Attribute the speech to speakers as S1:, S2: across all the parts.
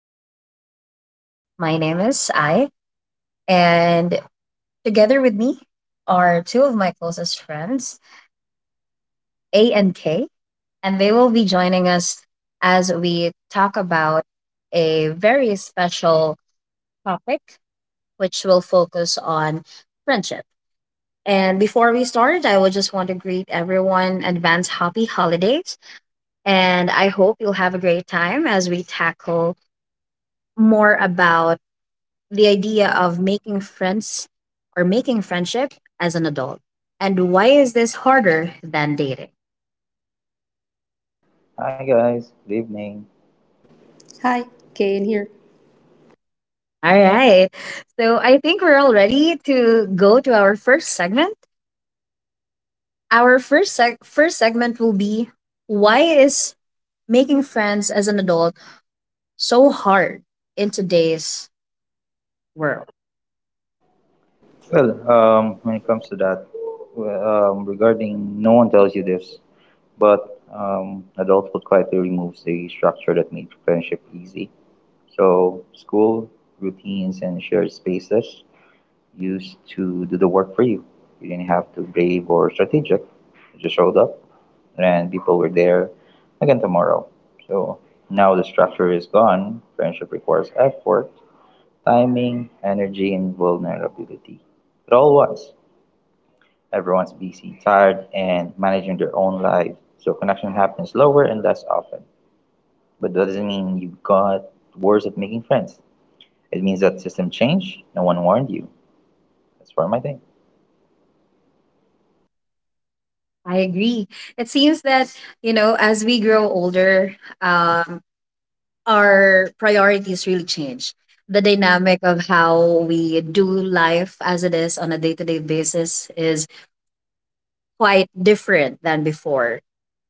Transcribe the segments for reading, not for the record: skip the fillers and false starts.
S1: I will be your host. My name is I, and together with me are two of my closest friends, A and K, and they will be joining us as we talk about a very special topic, which will focus on friendship. And before we start, I would just want to greet everyone advance happy holidays, and I hope you'll have a great time as we tackle more about the idea of making friends or making friendship as an adult. And why is this harder than dating?
S2: Hi guys, good evening.
S1: All
S3: Hi, Kane here.
S1: right. So I think we're all ready to go to our first segment. Our first segment will be why is making friends as an adult so hard in today's world?
S2: When it comes to that, regarding no one tells you this, but adulthood quietly removes the structure that made friendship easy. So school routines and shared spaces used to do the work for you. You didn't have to brave or strategic. You just showed up, and people were there again tomorrow. So now the structure is gone. Friendship requires effort, timing, energy, and vulnerability. It all was. Everyone's busy, tired, and managing their own lives, so connection happens slower and less often. But that doesn't mean you got worse at making friends. It means that system changed. No one warned you. That's for my thing.
S1: I agree. It seems that, you know, as we grow older, um, our priorities really change. The dynamic of how we do life as it is on a day to day basis is quite different than before.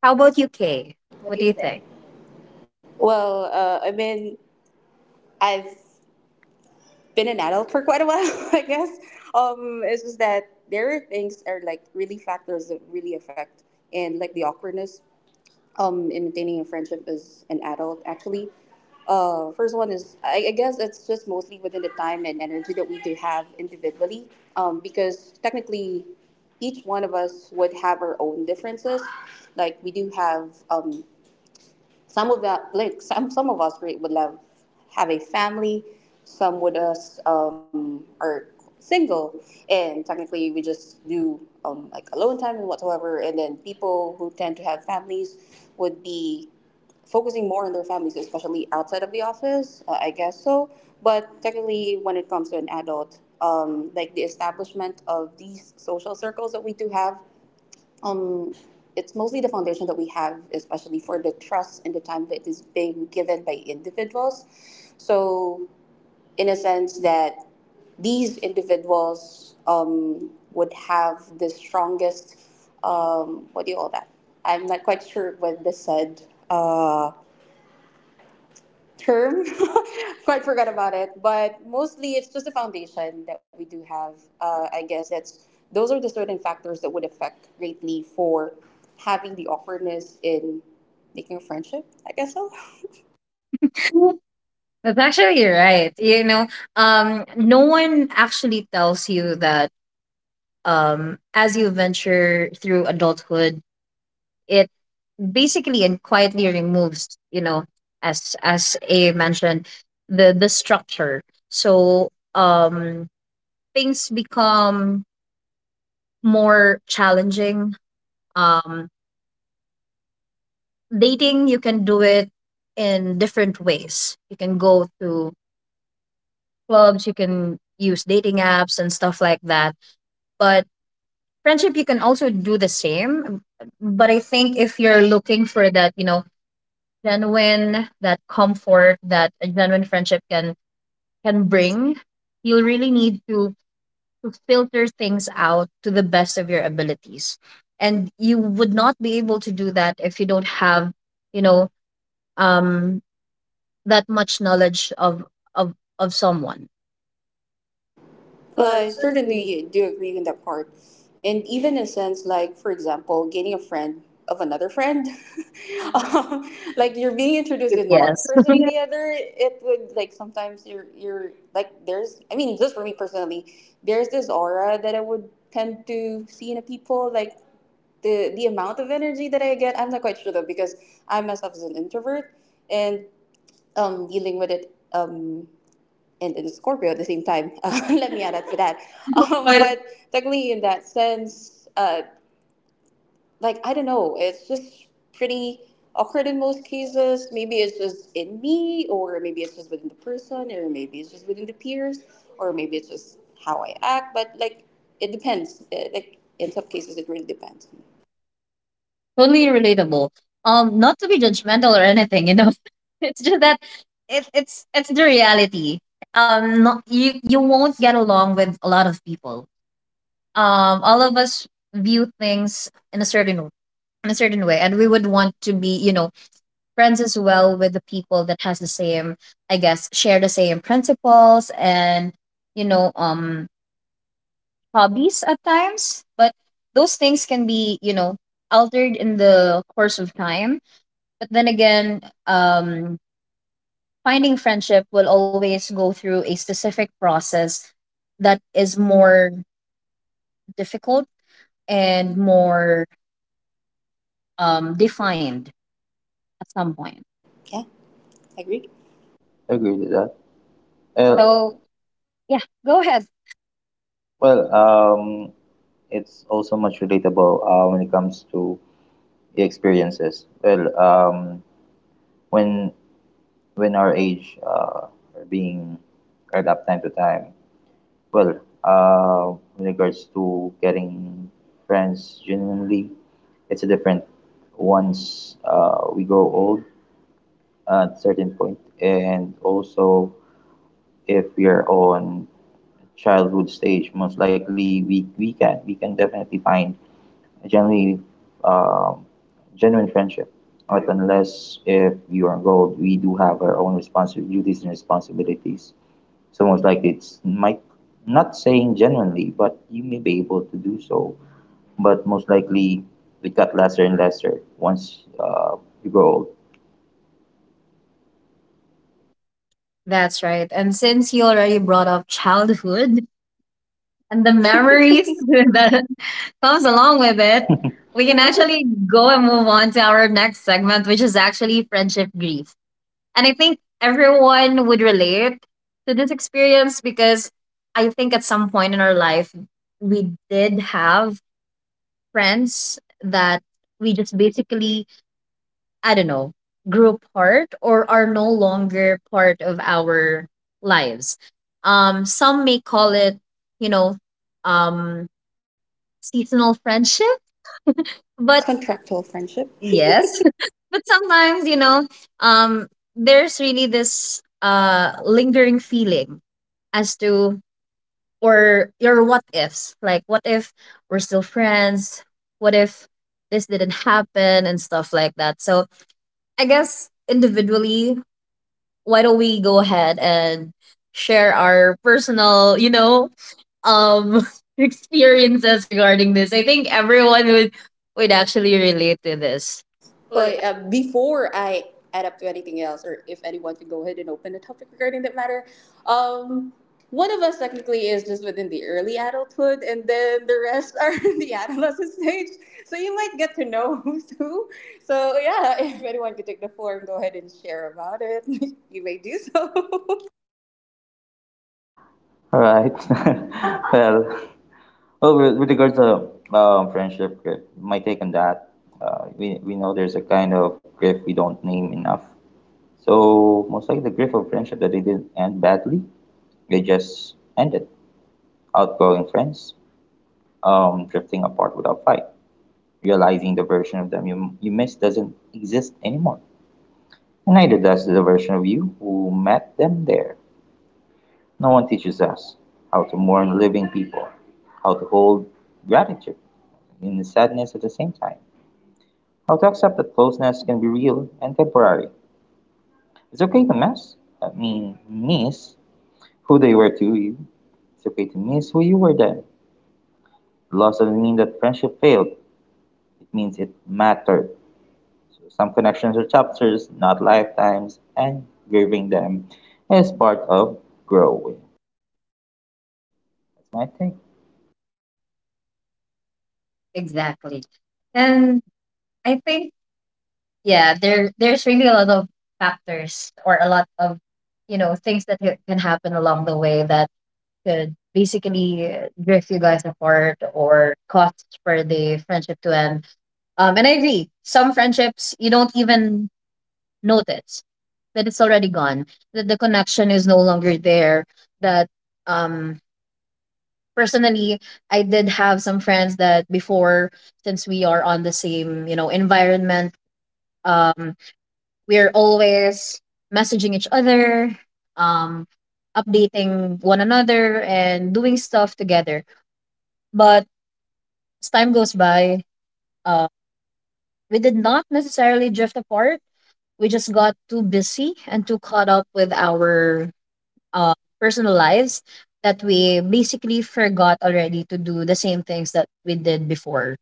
S1: How about UK? What do
S3: What
S1: you
S3: do you
S1: think?
S3: think? Well, uh, I mean, I've been an adult for quite a while, I guess. It's just that there are things that are like really factors that really affect, and like the awkwardness in maintaining a friendship as an adult, actually. First one is, I guess it's just mostly within the time and energy that we do have individually, because technically each one of us would have our own differences. Like we do have some of that, like some of us, great would love have a family. Some would us are single, and technically we just do like alone time and whatsoever. And then people who tend to have families would be focusing more on their families, especially outside of the office. I guess so. But technically, when it comes to an adult, like the establishment of these social circles that we do have, um, it's mostly the foundation that we have, especially for the trust and the time that is being given by individuals. So, in a sense, that these individuals would have the strongest, what do you call that? I'm not quite sure what they said. Uh, term. Quite forgot about it, but mostly it's just the foundation that we do have. I guess that's those are the certain factors that would affect greatly for having the awkwardness in making a friendship. I guess so.
S1: That's actually right. You know, no one actually tells you that as you venture through adulthood, it basically and quietly removes, you know, as A mentioned, the structure. So um, things become more challenging. Um, dating, you can do it in different ways. You can go to clubs, you can use dating apps and stuff like that. But friendship, you can also do the same. But I think if you're looking for that, you know, genuine, that comfort that a genuine friendship can bring, you'll really need to filter things out to the best of your abilities. And you would not be able to do that if you don't have, you know, um, that much knowledge of of someone.
S3: Well, I certainly do agree with that part. And even in a sense, like, for example, gaining a friend of another friend, um, like you're being introduced in one
S1: Yes.
S3: person to the other, it would like sometimes you're like, there's, I mean, just for me personally, there's this aura that I would tend to see in a people, like the amount of energy that I get, I'm not quite sure though, because I myself is an introvert and dealing with it. And in Scorpio at the same time. Let me add up to that. Um,
S1: But
S3: but technically, in that sense, like I don't know, it's just pretty awkward in most cases. Maybe it's just in me, or maybe it's just within the person, or maybe it's just within the peers, or maybe it's just how I act. But like, it depends. Like in some cases, it really depends.
S1: totally relatable. Not to be judgmental or anything, you know. It's just that it's it's the reality. Not, you won't get along with a lot of people. All of us view things in a certain way, and we would want to be, you know, friends as well with the people that has the same, I guess, share the same principles and you know, hobbies at times. But those things can be, you know, altered in the course of time. But then again, um, finding friendship will always go through a specific process that is more difficult and more defined at some point.
S3: Yeah, I agree.
S2: Agree with that. Well,
S1: So yeah, go ahead.
S2: well, it's also much relatable when it comes to the experiences. Well, when when our age are being read up time to time. In regards to getting friends genuinely, it's a different once we grow old at a certain point, and also if we are on childhood stage, most likely we can definitely find generally um, genuine friendship. But unless if you are on gold, we do have our own responsibilities, duties and responsibilities. Someone's like, it's might not saying genuinely, but you may be able to do so. But most likely, it got lesser and lesser once you grow old.
S1: That's right. And since you already brought up childhood and the
S3: The
S1: memories
S3: memories,
S1: that comes along with it, we can actually go and move on to our next segment, which is actually friendship grief. And I think everyone would relate to this experience because I think at some point in our life, we did have friends that we just basically I don't know, grew apart or are no longer part of our lives. Some may call it, you know, um, seasonal friendship, but
S3: but contractual friendship.
S1: yes, but sometimes, you know, um, there's really this lingering feeling as to, or your what ifs. Like, what if we're still friends? What if this didn't happen and stuff like that? So, I guess individually why don't we go ahead and share our personal, you know, um experiences regarding this. I think everyone would actually relate to this.
S3: But before I add up to anything else, or if anyone can go ahead and open a topic regarding that matter, um, one of us technically is just within the early adulthood, and then the rest are in the adolescent stage. So you might get to know who's who. So yeah, if anyone could take the floor and go ahead and share about it, you may do so.
S2: All right. well, well, with regards to friendship grief, my take on that, we know there's a kind of grief we don't name enough. So, most likely the grief of friendship that they didn't end badly, they just ended. Outgrowing friends, drifting apart without fight. Realizing the version of them you miss doesn't exist anymore. And neither does the version of you who met them there. No one teaches us how to mourn living people, how to hold gratitude in the sadness at the same time, how to accept that closeness can be real and temporary. It's okay to miss, I mean, miss who they were to you. It's okay to miss who you were then. Loss doesn't mean that friendship failed, it means it mattered. So some connections are chapters, not lifetimes, and grieving them is part of growing. That's my take.
S1: Exactly. And I think yeah, there's really a lot of factors or a lot of you know things that can happen along the way that could basically drift you guys apart or cause for the friendship to end. And I agree. Some friendships you don't even notice that it's already gone, that the connection is no longer there, that um personally I did have some friends that before since we are on the same, you know, environment, um we're always messaging each other, um updating one another and doing stuff together. But as time goes by, uh we did not necessarily drift apart. We just got too busy and too caught up with our uh, personal lives that we basically forgot already to do the same things that we did before.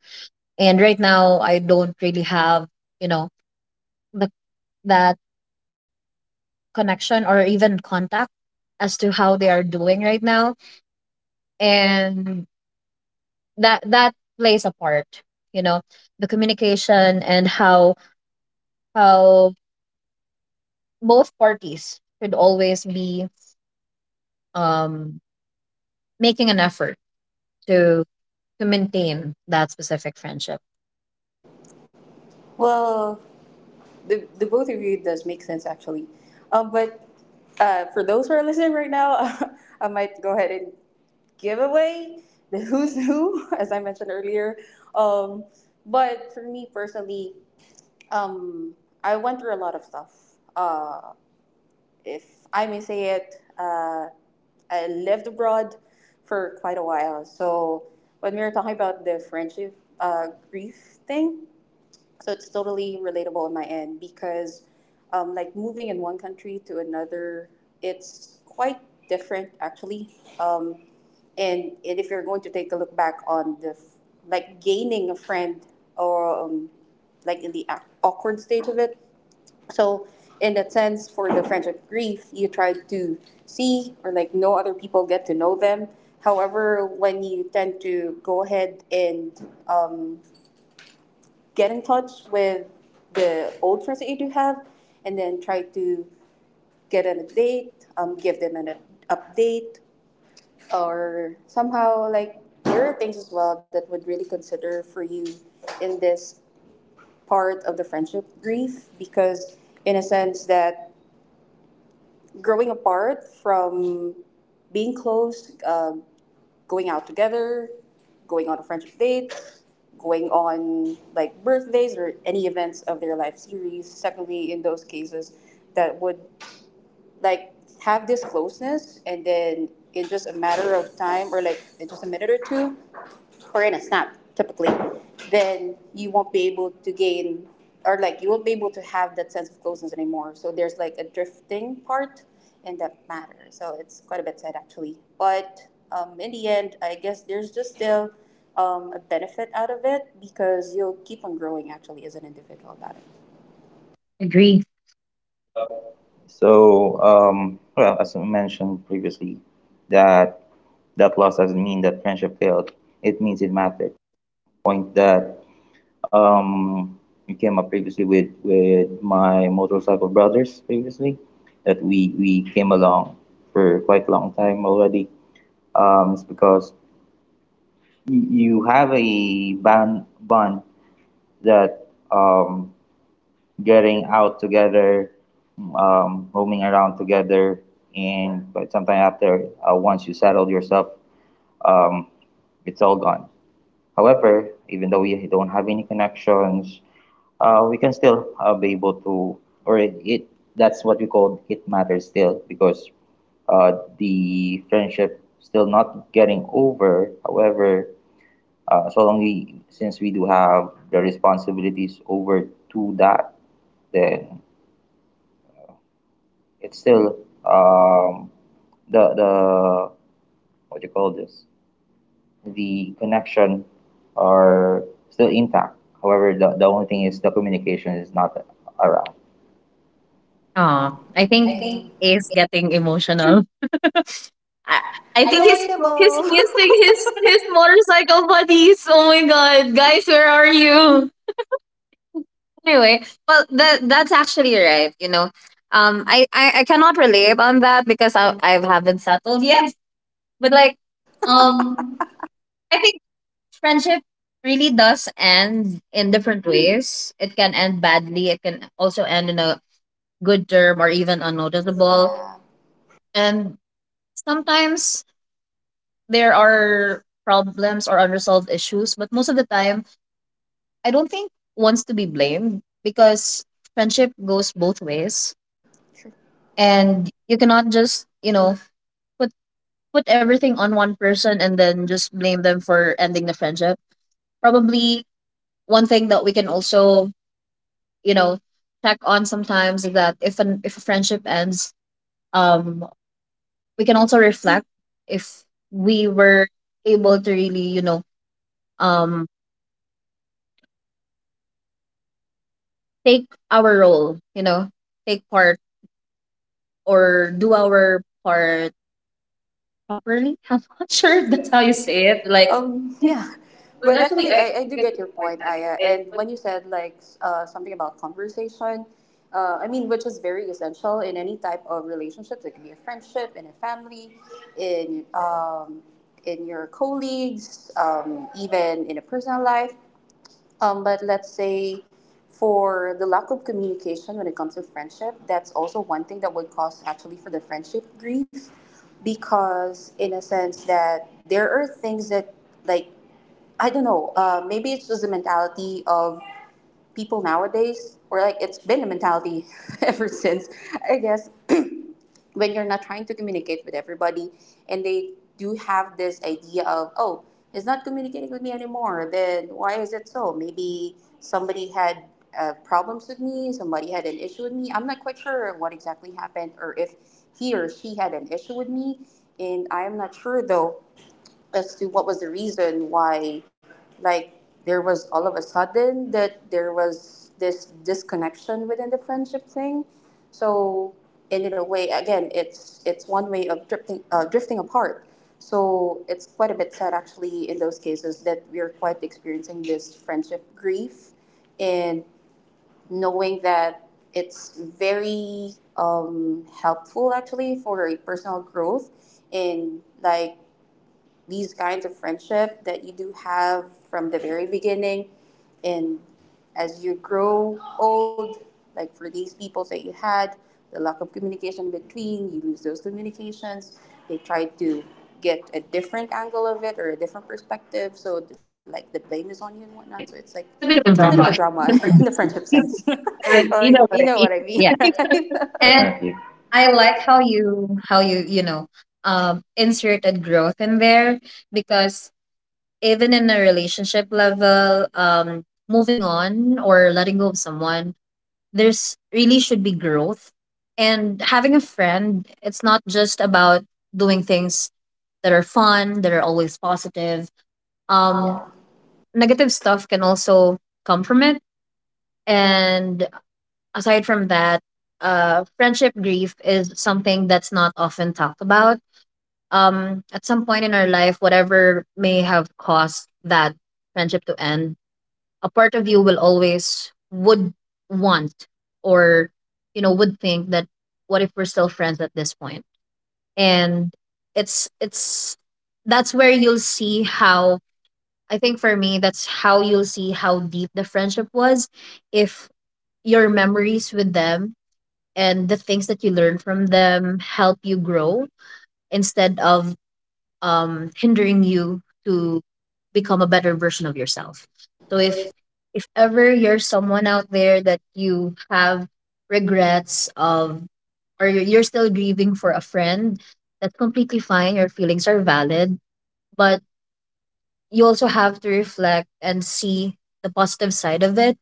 S1: And right now, I don't really have, you know, the, that connection or even contact as to how they are doing right now. And that plays a part, you know, the communication and how both parties should always be um, making an effort to to maintain that specific friendship.
S3: Well, the both of you does make sense actually. But for those who are listening right now, I might go ahead and giveaway, the who's who, as I mentioned earlier. Um, but for me personally, um, I went through a lot of stuff. Uh, if I may say it, I lived abroad for quite a while. So when we were talking about the friendship grief thing, so it's totally relatable on my end because like moving in one country to another, it's quite different actually. Um, and if you're going to take a look back on like gaining a friend or like in the awkward stage of it, so in a sense for the friendship grief, you try to see or like know other people, get to know them. However, when you tend to go ahead and get in touch with the old friends that you do have and then try to get an update, give them an update, or somehow, like there are things as well that would really consider for you in this part of the friendship grief. Because in a sense that growing apart from being close, going out together, going on a friendship date, going on like birthdays or any events of their life series, secondly, in those cases that would like have this closeness, and then in just a matter of time or like in just a minute or two, or in a snap typically, then you won't be able to gain or like you won't be able to have that sense of closeness anymore. So there's like a drifting part in that matter. So it's quite a bit sad actually. But in the end, I guess there's just still a benefit out of it because you'll keep on growing actually as an individual about it.
S1: Agree.
S2: Yep. Well, as I mentioned previously, that that loss doesn't mean that friendship failed. It means it mattered. Point that um, we came up previously with my motorcycle brothers previously, that we came along for quite a long time already. It's because you have a bond that, um, getting out together, roaming around together, and but sometime after, once you settled yourself, um, it's all gone. However, even though we don't have any connections, we can still be able to, or it that's what we call it, matters still because uh, the friendship still not getting over. However, so long we since we do have the responsibilities over to that, then it's still, um, the what do you call this, the connection are still intact. However, the only thing is the communication is not around.
S1: Oh, I
S3: I
S1: think
S3: think
S1: Ace getting emotional. I, I think he's
S3: relatable.
S1: missing his motorcycle buddies. Oh my god, guys, where are you? Anyway, well that's actually right. You know, I cannot relate on that because I haven't settled yet. But like,
S3: It's
S1: um, I think friendship really does end in different ways. It can end badly. It can also end in a good term or even unnoticeable.
S3: noticeable.
S1: And sometimes there are problems or unresolved issues, but most of the time, I don't think wants to be blamed because friendship goes both ways,
S3: Yeah. And
S1: and you cannot just you know put put everything on one person and then just blame them for ending the friendship. Probably one thing that we can also you know check on sometimes is that if a friendship ends, um, we can also reflect if we were able to really you know um take our role, you know, take part or do our part properly. I'm not
S3: not
S1: sure if
S3: sure
S1: that's
S3: that's
S1: how
S3: how
S1: you
S3: you
S1: say
S3: say
S1: it.
S3: it.
S1: Like,
S3: Like, yeah.
S1: But
S3: But
S1: actually,
S3: actually,
S1: I
S3: I do
S1: get
S3: get
S1: the
S3: your
S1: point.
S3: point, Aya. And when you said like something about conversation, I mean, which is very essential in any type of relationships. It can be a friendship, in a family, in um, in your colleagues, even in a personal life. But let's say for the lack of communication when it comes to friendship, that's also one thing that would cause actually for the friendship grief. Because, in a sense, that there are things that, like, I don't know, maybe it's just the mentality of people nowadays, or like it's been a mentality ever since, I guess, when you're not trying to communicate with everybody, and they do have this idea of, oh, he's not communicating with me anymore, then why is it so? Maybe somebody had problems with me, somebody had an issue with me. I'm not quite sure what exactly happened, or if he or she had an issue with me, and I am not sure though as to what was the reason why, like, there was all of a sudden that there was this disconnection within the friendship thing. So, and in a way again, it's one way of drifting, drifting apart. So it's quite a bit sad actually, in those cases that we're quite experiencing this friendship grief. And knowing that it's very helpful actually for personal growth, and like these kinds of friendship that you do have from the very beginning, and as you grow old, like for these people that you had the lack of communication between, you lose those communications. They try to get a different angle of it or a different perspective, so like the blame is on you and whatnot. So it's like,
S1: It's
S3: it's
S1: a
S3: a
S1: bit
S3: bit
S1: of a
S3: of a
S1: drama.
S3: drama in the friendship sense, like you know what I mean,
S1: Yeah.
S3: right?
S1: And
S2: Definitely.
S1: I like how you you know inserted growth in there because even in a relationship level, moving on or letting go of someone there's really should be growth. And having a friend, it's not just about doing things that are fun, that are always positive. Um,
S3: Um,
S1: negative stuff can also come from it. And aside from that, friendship grief is something that's not often talked about. At some point in our life, whatever may have caused that friendship to end a part of you will always would want or you know would think that what if we're still friends at this point? And it's that's where you'll see how I think for me that's how you'll see how deep the friendship was if your memories with them and the things that you learn from them help you grow instead of hindering you to become a better version of yourself. So
S3: So. If
S1: if ever you're someone out there that you have regrets of or you're still grieving for a friend, that's completely fine. Your feelings are valid, but you also have to reflect and see the positive side of it.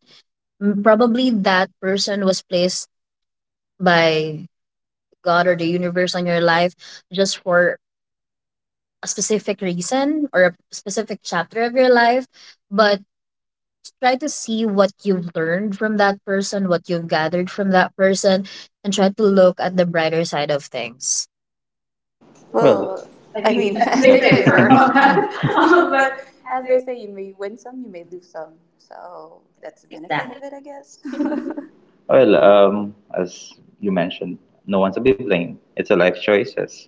S1: Probably that person was placed by God or the universe on your life just for a specific reason or a specific chapter of your life, but try to see what you've learned from that person, what you've gathered from that person, and try to look at the brighter side of things.
S2: Well,
S3: well,
S2: I
S3: I
S2: mean,
S3: mean,
S2: as
S3: as
S2: they
S3: they
S2: say,
S3: say,
S2: sorry
S3: sorry
S2: about
S3: about
S2: that.
S3: that. But
S2: But
S3: as they say, you may win some, you may lose some. So that's the benefit of it, I guess.
S2: Well, as you mentioned, no one to be blamed. It's a life choices.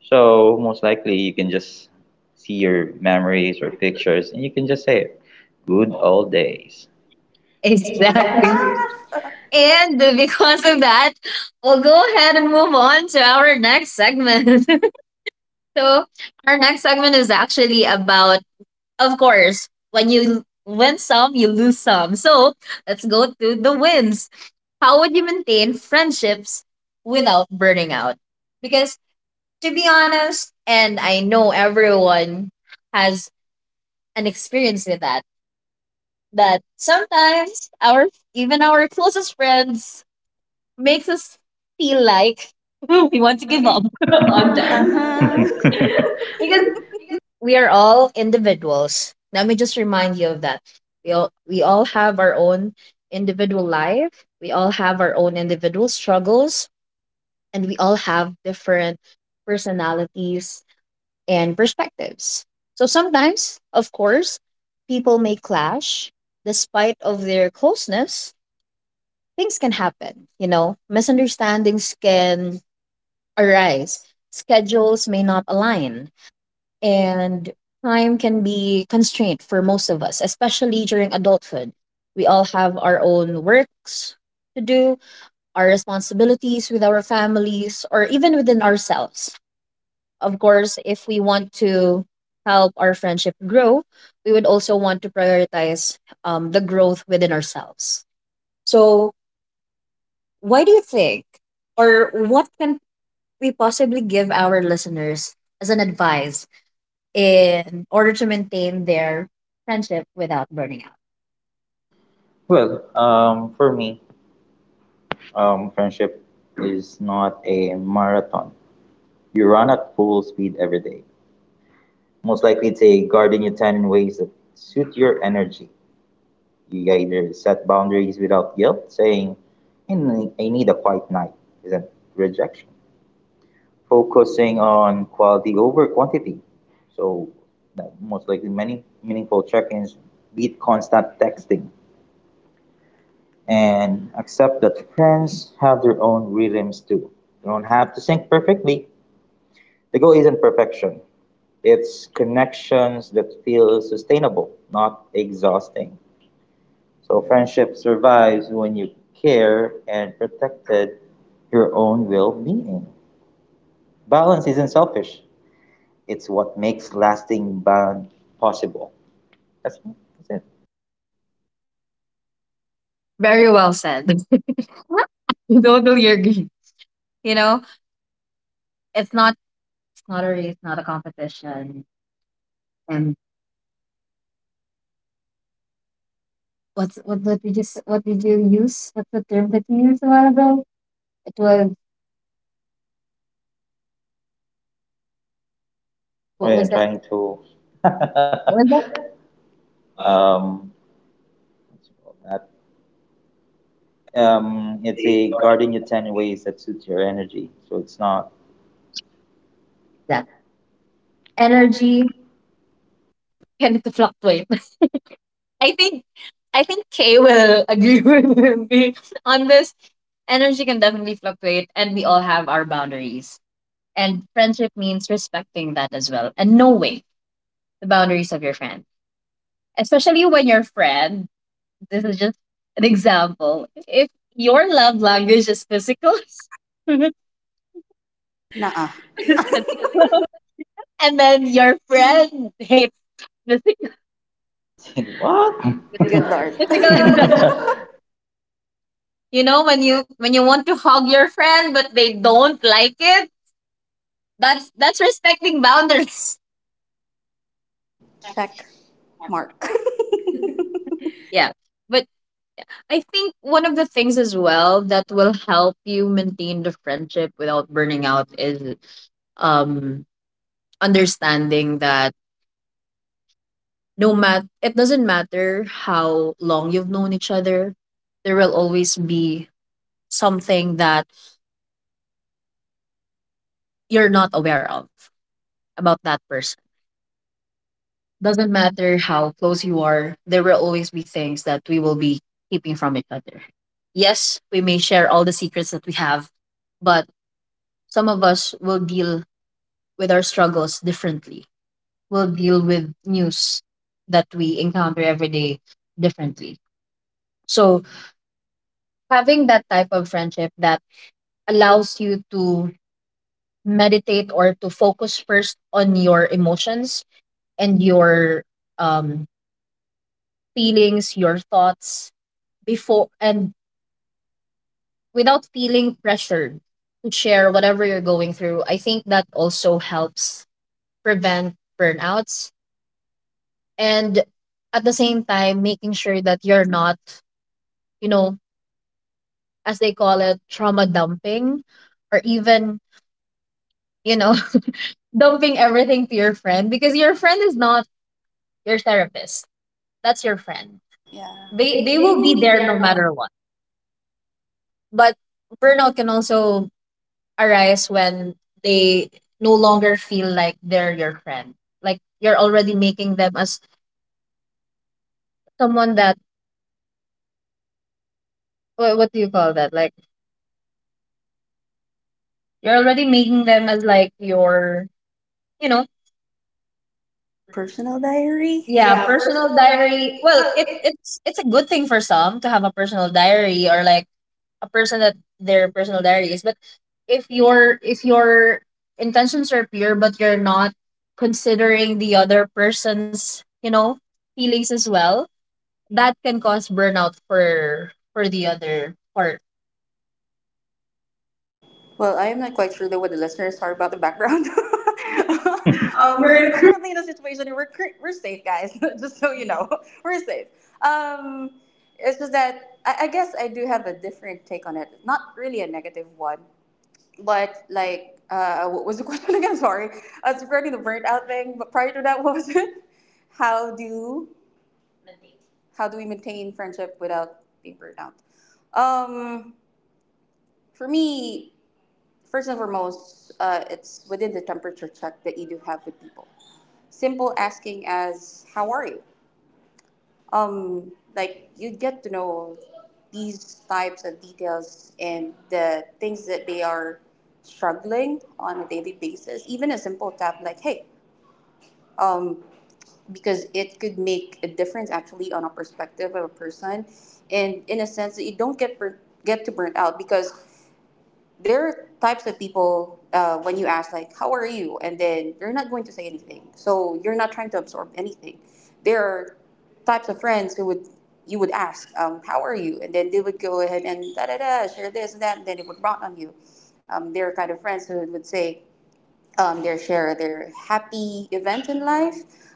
S2: So most likely you can just see your memories or pictures and you can just say it. Good old days.
S1: Exactly.
S2: Exactly.
S3: Exactly.
S1: And because of that, we'll go ahead and move on to our next segment. So, our next segment is actually about, of course, when you win some, you lose some. So, let's go to the wins. How would you maintain friendships without burning out? Because to be honest, and I know everyone has an experience with that, that sometimes our even our closest friends makes us feel like we
S3: You
S1: want to
S3: want to
S1: give
S3: give
S1: up
S3: up. Uh
S1: on
S2: Well,
S1: them
S3: huh.
S1: because
S2: because
S1: we are all individuals. Let me just remind you of that. We all have our own individual life. We all have our own individual struggles and we all have different personalities and perspectives. So sometimes, of course, people may clash despite of their closeness, things can happen, you know, misunderstandings can arise, schedules may not align, and time can be constrained for most of us, especially during adulthood. We all have our own works to do, our responsibilities with our families, or even within ourselves. Of course, if we want to help our friendship grow, we would also want to prioritize the growth within ourselves. So, why do you think, or what can we possibly give our listeners as an advice in order to maintain their friendship without burning out?
S2: well, for me, friendship is not a marathon. You run at full speed every day. Most likely, it's a guarding your time in ways that suit your energy. You either set boundaries without guilt, saying, " I need a quiet night," isn't rejection. Focusing on quality over quantity. So, that most likely, many meaningful check ins beat constant texting. And accept that friends have their own rhythms too. They don't have to sync perfectly. The goal isn't perfection. It's connections that feel sustainable, not exhausting. So friendship survives when you care and protected your own well-being. Balance isn't selfish. It's what makes lasting bond possible. That's, that's it.
S1: Very well said. I totally agree. You know, it's not it's not a race, not a competition. And what's what did you just what did you use? What's the term that you used a while ago? It was what was
S2: Wait, I'm
S1: that?
S2: trying to,
S1: What was that?
S2: um, what's it called? It's a guarding your ten ways that suits your energy. So it's not
S1: That energy
S2: energy.
S1: can fluctuate. I think I think Kay will agree with me on this. Energy can definitely fluctuate, and we all have our boundaries. And friendship means respecting that as well, and knowing the boundaries of your friend, especially when your friend. This is just an example. If your love language is physical, physical
S3: Nuh-uh.
S1: love, and then your friend hates physical
S2: What?
S3: Good lord.
S1: physical and
S3: Difficult.
S1: when you want to hug your friend but they don't like it, that's respecting boundaries.
S3: Check mark.
S1: Yeah. But I think one of the things as well that will help you maintain the friendship without burning out is um understanding that no mat it doesn't matter how long you've known each other, there will always be something that you're not aware of about that person. Doesn't matter how close you are, there will always be things that we will be keeping from each other. Yes, we may share all the secrets that we have, but some of us will deal with our struggles differently. We'll deal with news that we encounter every day differently. So, having that type of friendship that allows you to meditate or to focus first on your emotions and your um, feelings, your thoughts before and without feeling pressured to share whatever you're going through. I think that also helps prevent burnouts and at the same time making sure that you're not, you know, as they call it, trauma dumping or even, you know, dumping everything to your friend because your friend is not your therapist. That's your friend.
S3: Yeah.
S1: They they
S3: They
S1: will
S3: will
S1: be
S3: be
S1: there no
S3: there no matter.
S1: matter what. But burnout can also arise when they no longer feel like they're your friend. Like you're already making them as someone that what do you call that? Like you're already making them as like your you know
S3: Personal diary.
S1: yeah,
S3: Yeah,
S1: personal
S3: personal
S1: diary.
S3: diary.
S1: Well,
S3: Well, it.
S1: it's a good thing for some to have a personal diary or like a person that their personal diary is. But if your intentions are pure, but you're not considering the other person's, you know, feelings as well, that can cause burnout for the other part.
S3: Well, I am not quite sure though what the listeners are about the background.
S2: um,
S3: We're in a, currently in a situation where we're safe, guys. Just so you know, we're safe. Um, it's just that I guess I do have a different take on it. Not really a negative one, but like, what was the question again? Sorry. It's regarding the burnout thing, but prior to that, what was it? How do how do we maintain friendship without being burnt out? Um, for me, first and foremost, it's within the temperature check that you do have with people. Simple asking as "How are you?" Like you get to know these types of details and the things that they are struggling on a daily basis. Even a simple tap like "Hey," um, because it could make a difference actually on a perspective of a person, and in a sense that you don't get burnt, get to burnt out. Because there are types of people when you ask like how are you and then they're not going to say anything, so you're not trying to absorb anything. There are types of friends who would, you would ask, how are you and then they would go ahead and da da da share this and that and then it would rot on you. There are kind of friends who would say, their share their happy event in life.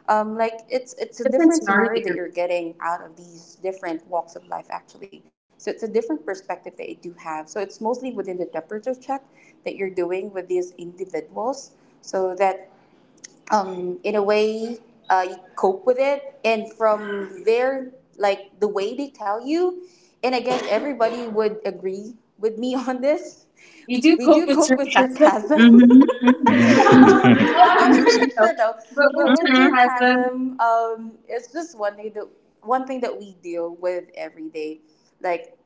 S3: Like
S1: It's a
S3: it's a
S1: different
S3: different
S1: scenario
S3: scenario
S1: that
S3: that
S1: you're.
S3: you're getting out of these different walks of life actually. So it's a different perspective that you do have, so it's mostly within the temperature check that you're doing with these individuals. So that in a way, you cope with it, and from there, like the way they tell you, and again everybody would agree with me on this,
S1: You
S3: we
S1: do
S3: do
S1: cope
S3: cope
S1: with
S3: with
S1: sarcasm.
S3: sarcasm.
S1: Mm-hmm.
S3: Mm-hmm.
S1: What?
S3: I'm not sure though,
S1: But
S3: but
S1: with
S3: with
S1: Mhm. sarcasm,
S3: sarcasm, it's just one thing that we deal with every day. Like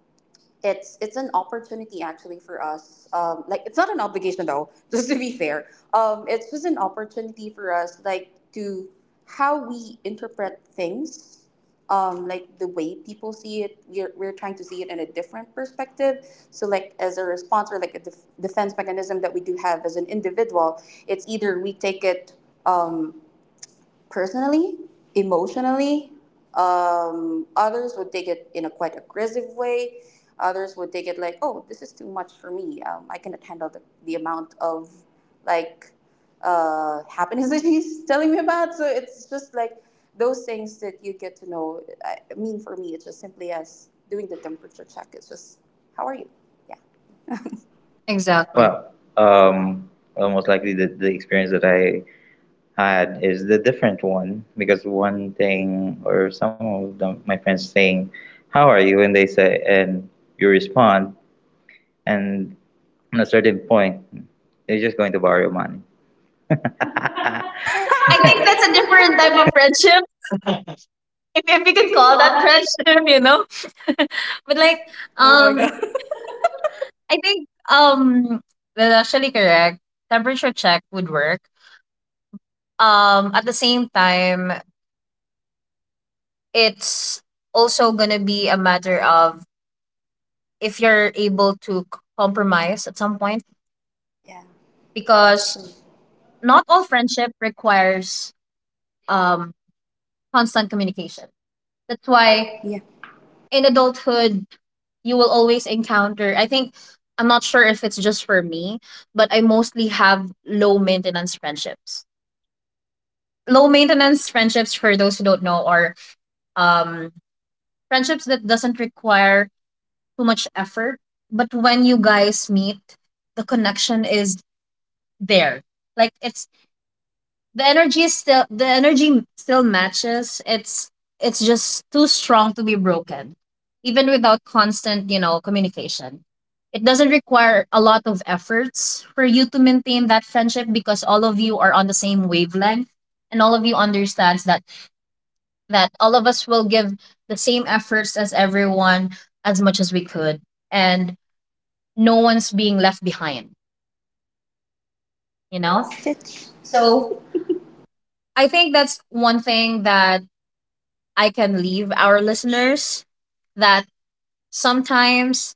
S3: it's an opportunity actually for us. Like it's not an obligation though, just to be fair. It's just an opportunity for us, like to how we interpret things, like the way people see it. We're trying to see it in a different perspective. So like as a response or like a defense mechanism that we do have as an individual, it's either we take it. Um, personally, emotionally. Others would take it in a quite aggressive way. Others would take it like, oh, this is too much for me. I cannot handle the amount of like happiness that she's telling me about. So it's just like those things that you get to know. I mean, for me, it's just simply as doing the temperature check. It's just, how are you? Yeah.
S1: exactly.
S2: Well, um, well, likely the experience that I had is the different one because one thing or some of them, my friends saying, "How are you?" and they say, and you respond, and on a certain point, they're just going to borrow money. I think
S1: I think
S3: I think
S1: that's a
S3: that's
S2: that's
S3: a
S2: a
S1: different
S3: different.
S1: type
S2: different
S3: Type.
S1: of
S2: type.
S1: friendship, if you
S2: If we
S1: can
S2: can
S1: call
S2: call
S1: that
S2: that.
S1: friendship, you know. But
S3: But
S1: like,
S3: like, oh
S1: um,
S3: my god.
S1: I think that's actually correct. Temperature check would work. At the same time, it's also gonna be a matter of if you're able to compromise at some point
S3: Yeah.
S1: because
S3: Because
S1: not all friendship requires um, constant communication. That's
S3: that's
S1: why
S3: why. Yeah.
S1: in adulthood, you will always encounter. I think I'm not sure if it's just for me, but I mostly have low maintenance friendships. Low maintenance friendships for those who don't know are um friendships that doesn't require too much effort, but when you guys meet the connection is there. Like it's the energy still matches. It's just too strong to be broken, even without constant, you know, communication. It doesn't require a lot of efforts for you to maintain that friendship because all of you are on the same wavelength and all of you understands that all of us will give the same efforts as everyone as much as we could, and no one's being left behind, you
S3: You
S1: know?
S3: know? Stitch.
S1: So
S3: So
S1: I think that's one thing that I can leave our listeners that sometimes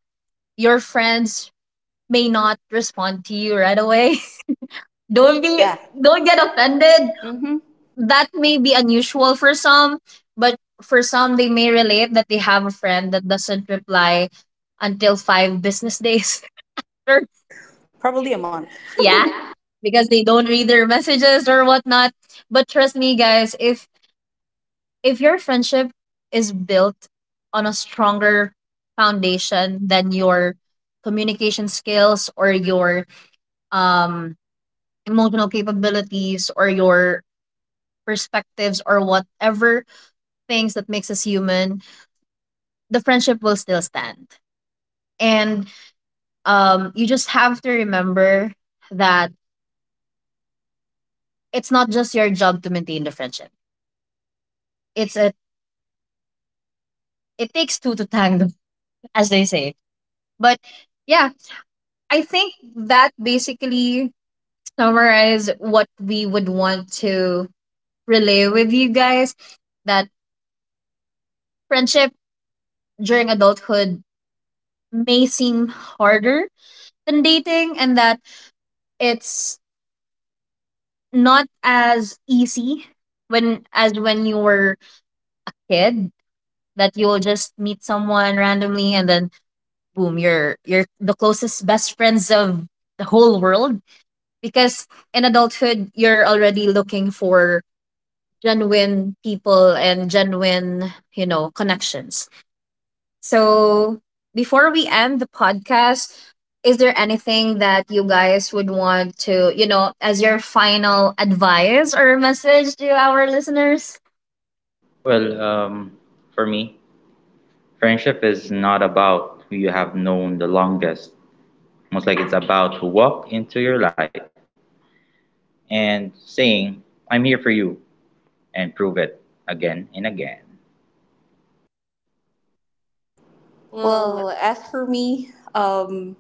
S1: your friends may not respond to you right away. don't
S3: don't
S1: be
S3: be yeah.
S1: don't
S3: Don't
S1: get
S3: get
S1: offended.
S3: offended. Mm-hmm.
S1: That may be unusual for some, but for some they may relate that they have a friend that doesn't reply until 5 business days. Or-
S3: Probably a month.
S1: yeah,
S3: Yeah.
S1: because they don't read their messages or whatnot. But trust me guys, if your friendship is built on a stronger foundation than your communication skills or your um, emotional capabilities or your perspectives or whatever things that makes us human, the friendship will still stand. And you just have to remember that it's not just your job to maintain the friendship. it's a it takes two to tango, as they say. But yeah, I think that basically summarize what we would want to relay with you guys: that friendship during adulthood may seem harder than dating, and that it's not as easy when as when you were a kid, that you'll just meet someone randomly and then boom, you're the closest best friends of the whole world, because in adulthood you're already looking for genuine people and genuine, you know, connections. So before we end the podcast, is there anything that you guys would want to, you know, as your final advice or message to our listeners?
S2: Well, for me, friendship is not about who you have known the longest. Most like it's about who walked into your life and saying, I'm here for you, and prove it again and again.
S1: Well,
S3: Well, as for me,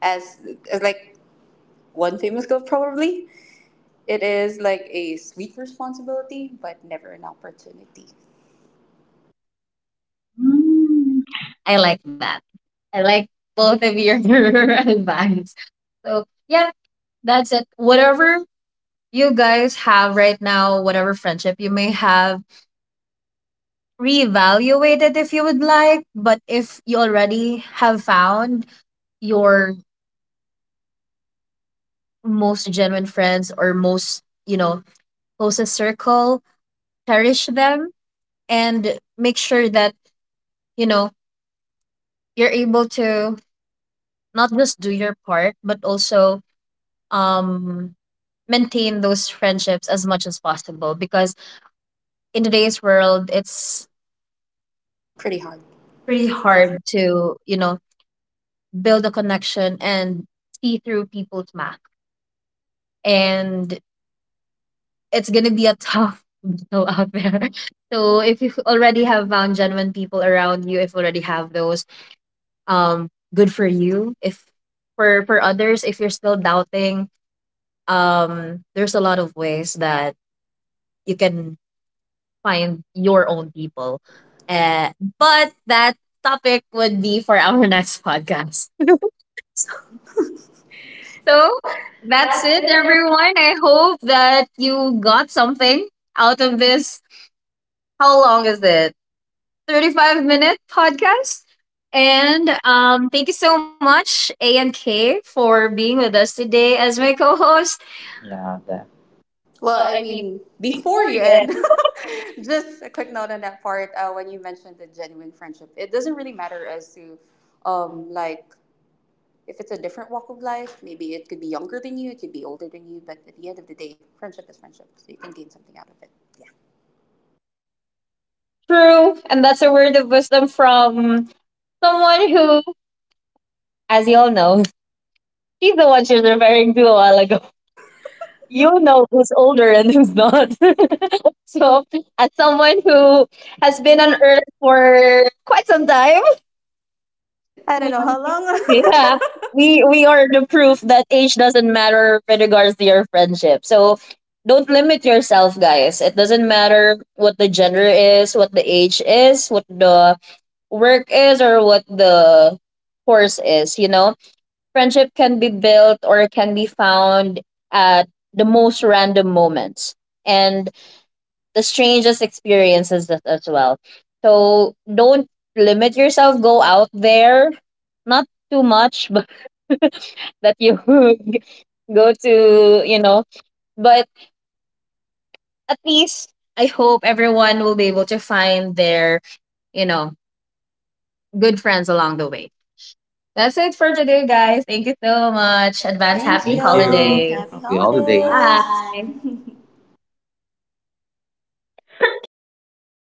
S3: as, as like one famous girl, probably it is like a sweet responsibility, but never an opportunity.
S1: mm, I like that. I like both of your advice. So yeah, that's it. Whatever you guys have right now, whatever friendship you may have, reevaluate it if you would like. But if you already have found your most genuine friends or most, you know, closest circle, cherish them and make sure that, you know, you're able to not just do your part, but also um maintain those friendships as much as possible, because in today's world it's
S3: Pretty hard.
S1: pretty
S3: Pretty
S1: hard
S3: hard.
S1: to, you know, build a connection and see through people's mask, and it's gonna be a tough battle out there. So if you already have found genuine people around you, if you already have those, um, good for you. If For for others, if you're still doubting, there's a lot of ways that you can find your own people. Uh, but that topic would be for our next podcast. So
S2: So
S1: that's
S2: that's
S1: it,
S2: it. There.
S1: everyone. I hope that you got something out of this. How long is this? 35-minute podcast.
S3: And
S1: And thank you so much, A and K, for being with us today as my co host.
S2: Yeah, that.
S3: well,
S1: Well,
S3: I
S1: I mean,
S3: mean, before
S1: before
S3: you
S1: you end.
S3: end, just a quick note on that part. When you mentioned the genuine friendship, it doesn't really matter as to, like if it's a different walk of life, maybe it could be younger than you, it could be older than you, but at the end of the day, friendship is friendship, so you can gain something out of it.
S1: True. And that's a word of wisdom from someone who, as you all know, she's the one she was referring to a while ago.
S3: Yeah.
S1: You'll know who's older and who's not. So, as someone who has
S2: Has
S1: been
S2: been
S1: on
S2: an earth.
S1: Earth for quite some time,
S3: I don't know how long. Much
S1: yeah. We are the proof that age doesn't matter with regards to your friendship. So don't limit yourself, guys. It doesn't matter what the gender is, what the age is, what the work is, or what the course is, you know? Friendship can be built or can be found at the most random moments. And the strangest experiences as well. So don't limit yourself. Go out there, not too much, but that you go to, you know. But at least I hope everyone will be able to find their, you know, good friends along the way. That's it for today, guys. Thank you so much.
S3: advice.
S1: Advance
S3: Happy
S1: happy
S2: Thank you.
S3: holidays.
S1: holidays.
S3: Happy
S2: Happy holidays.
S3: holidays.
S1: Bye.
S3: Bye.
S2: Bye.
S1: And we're done.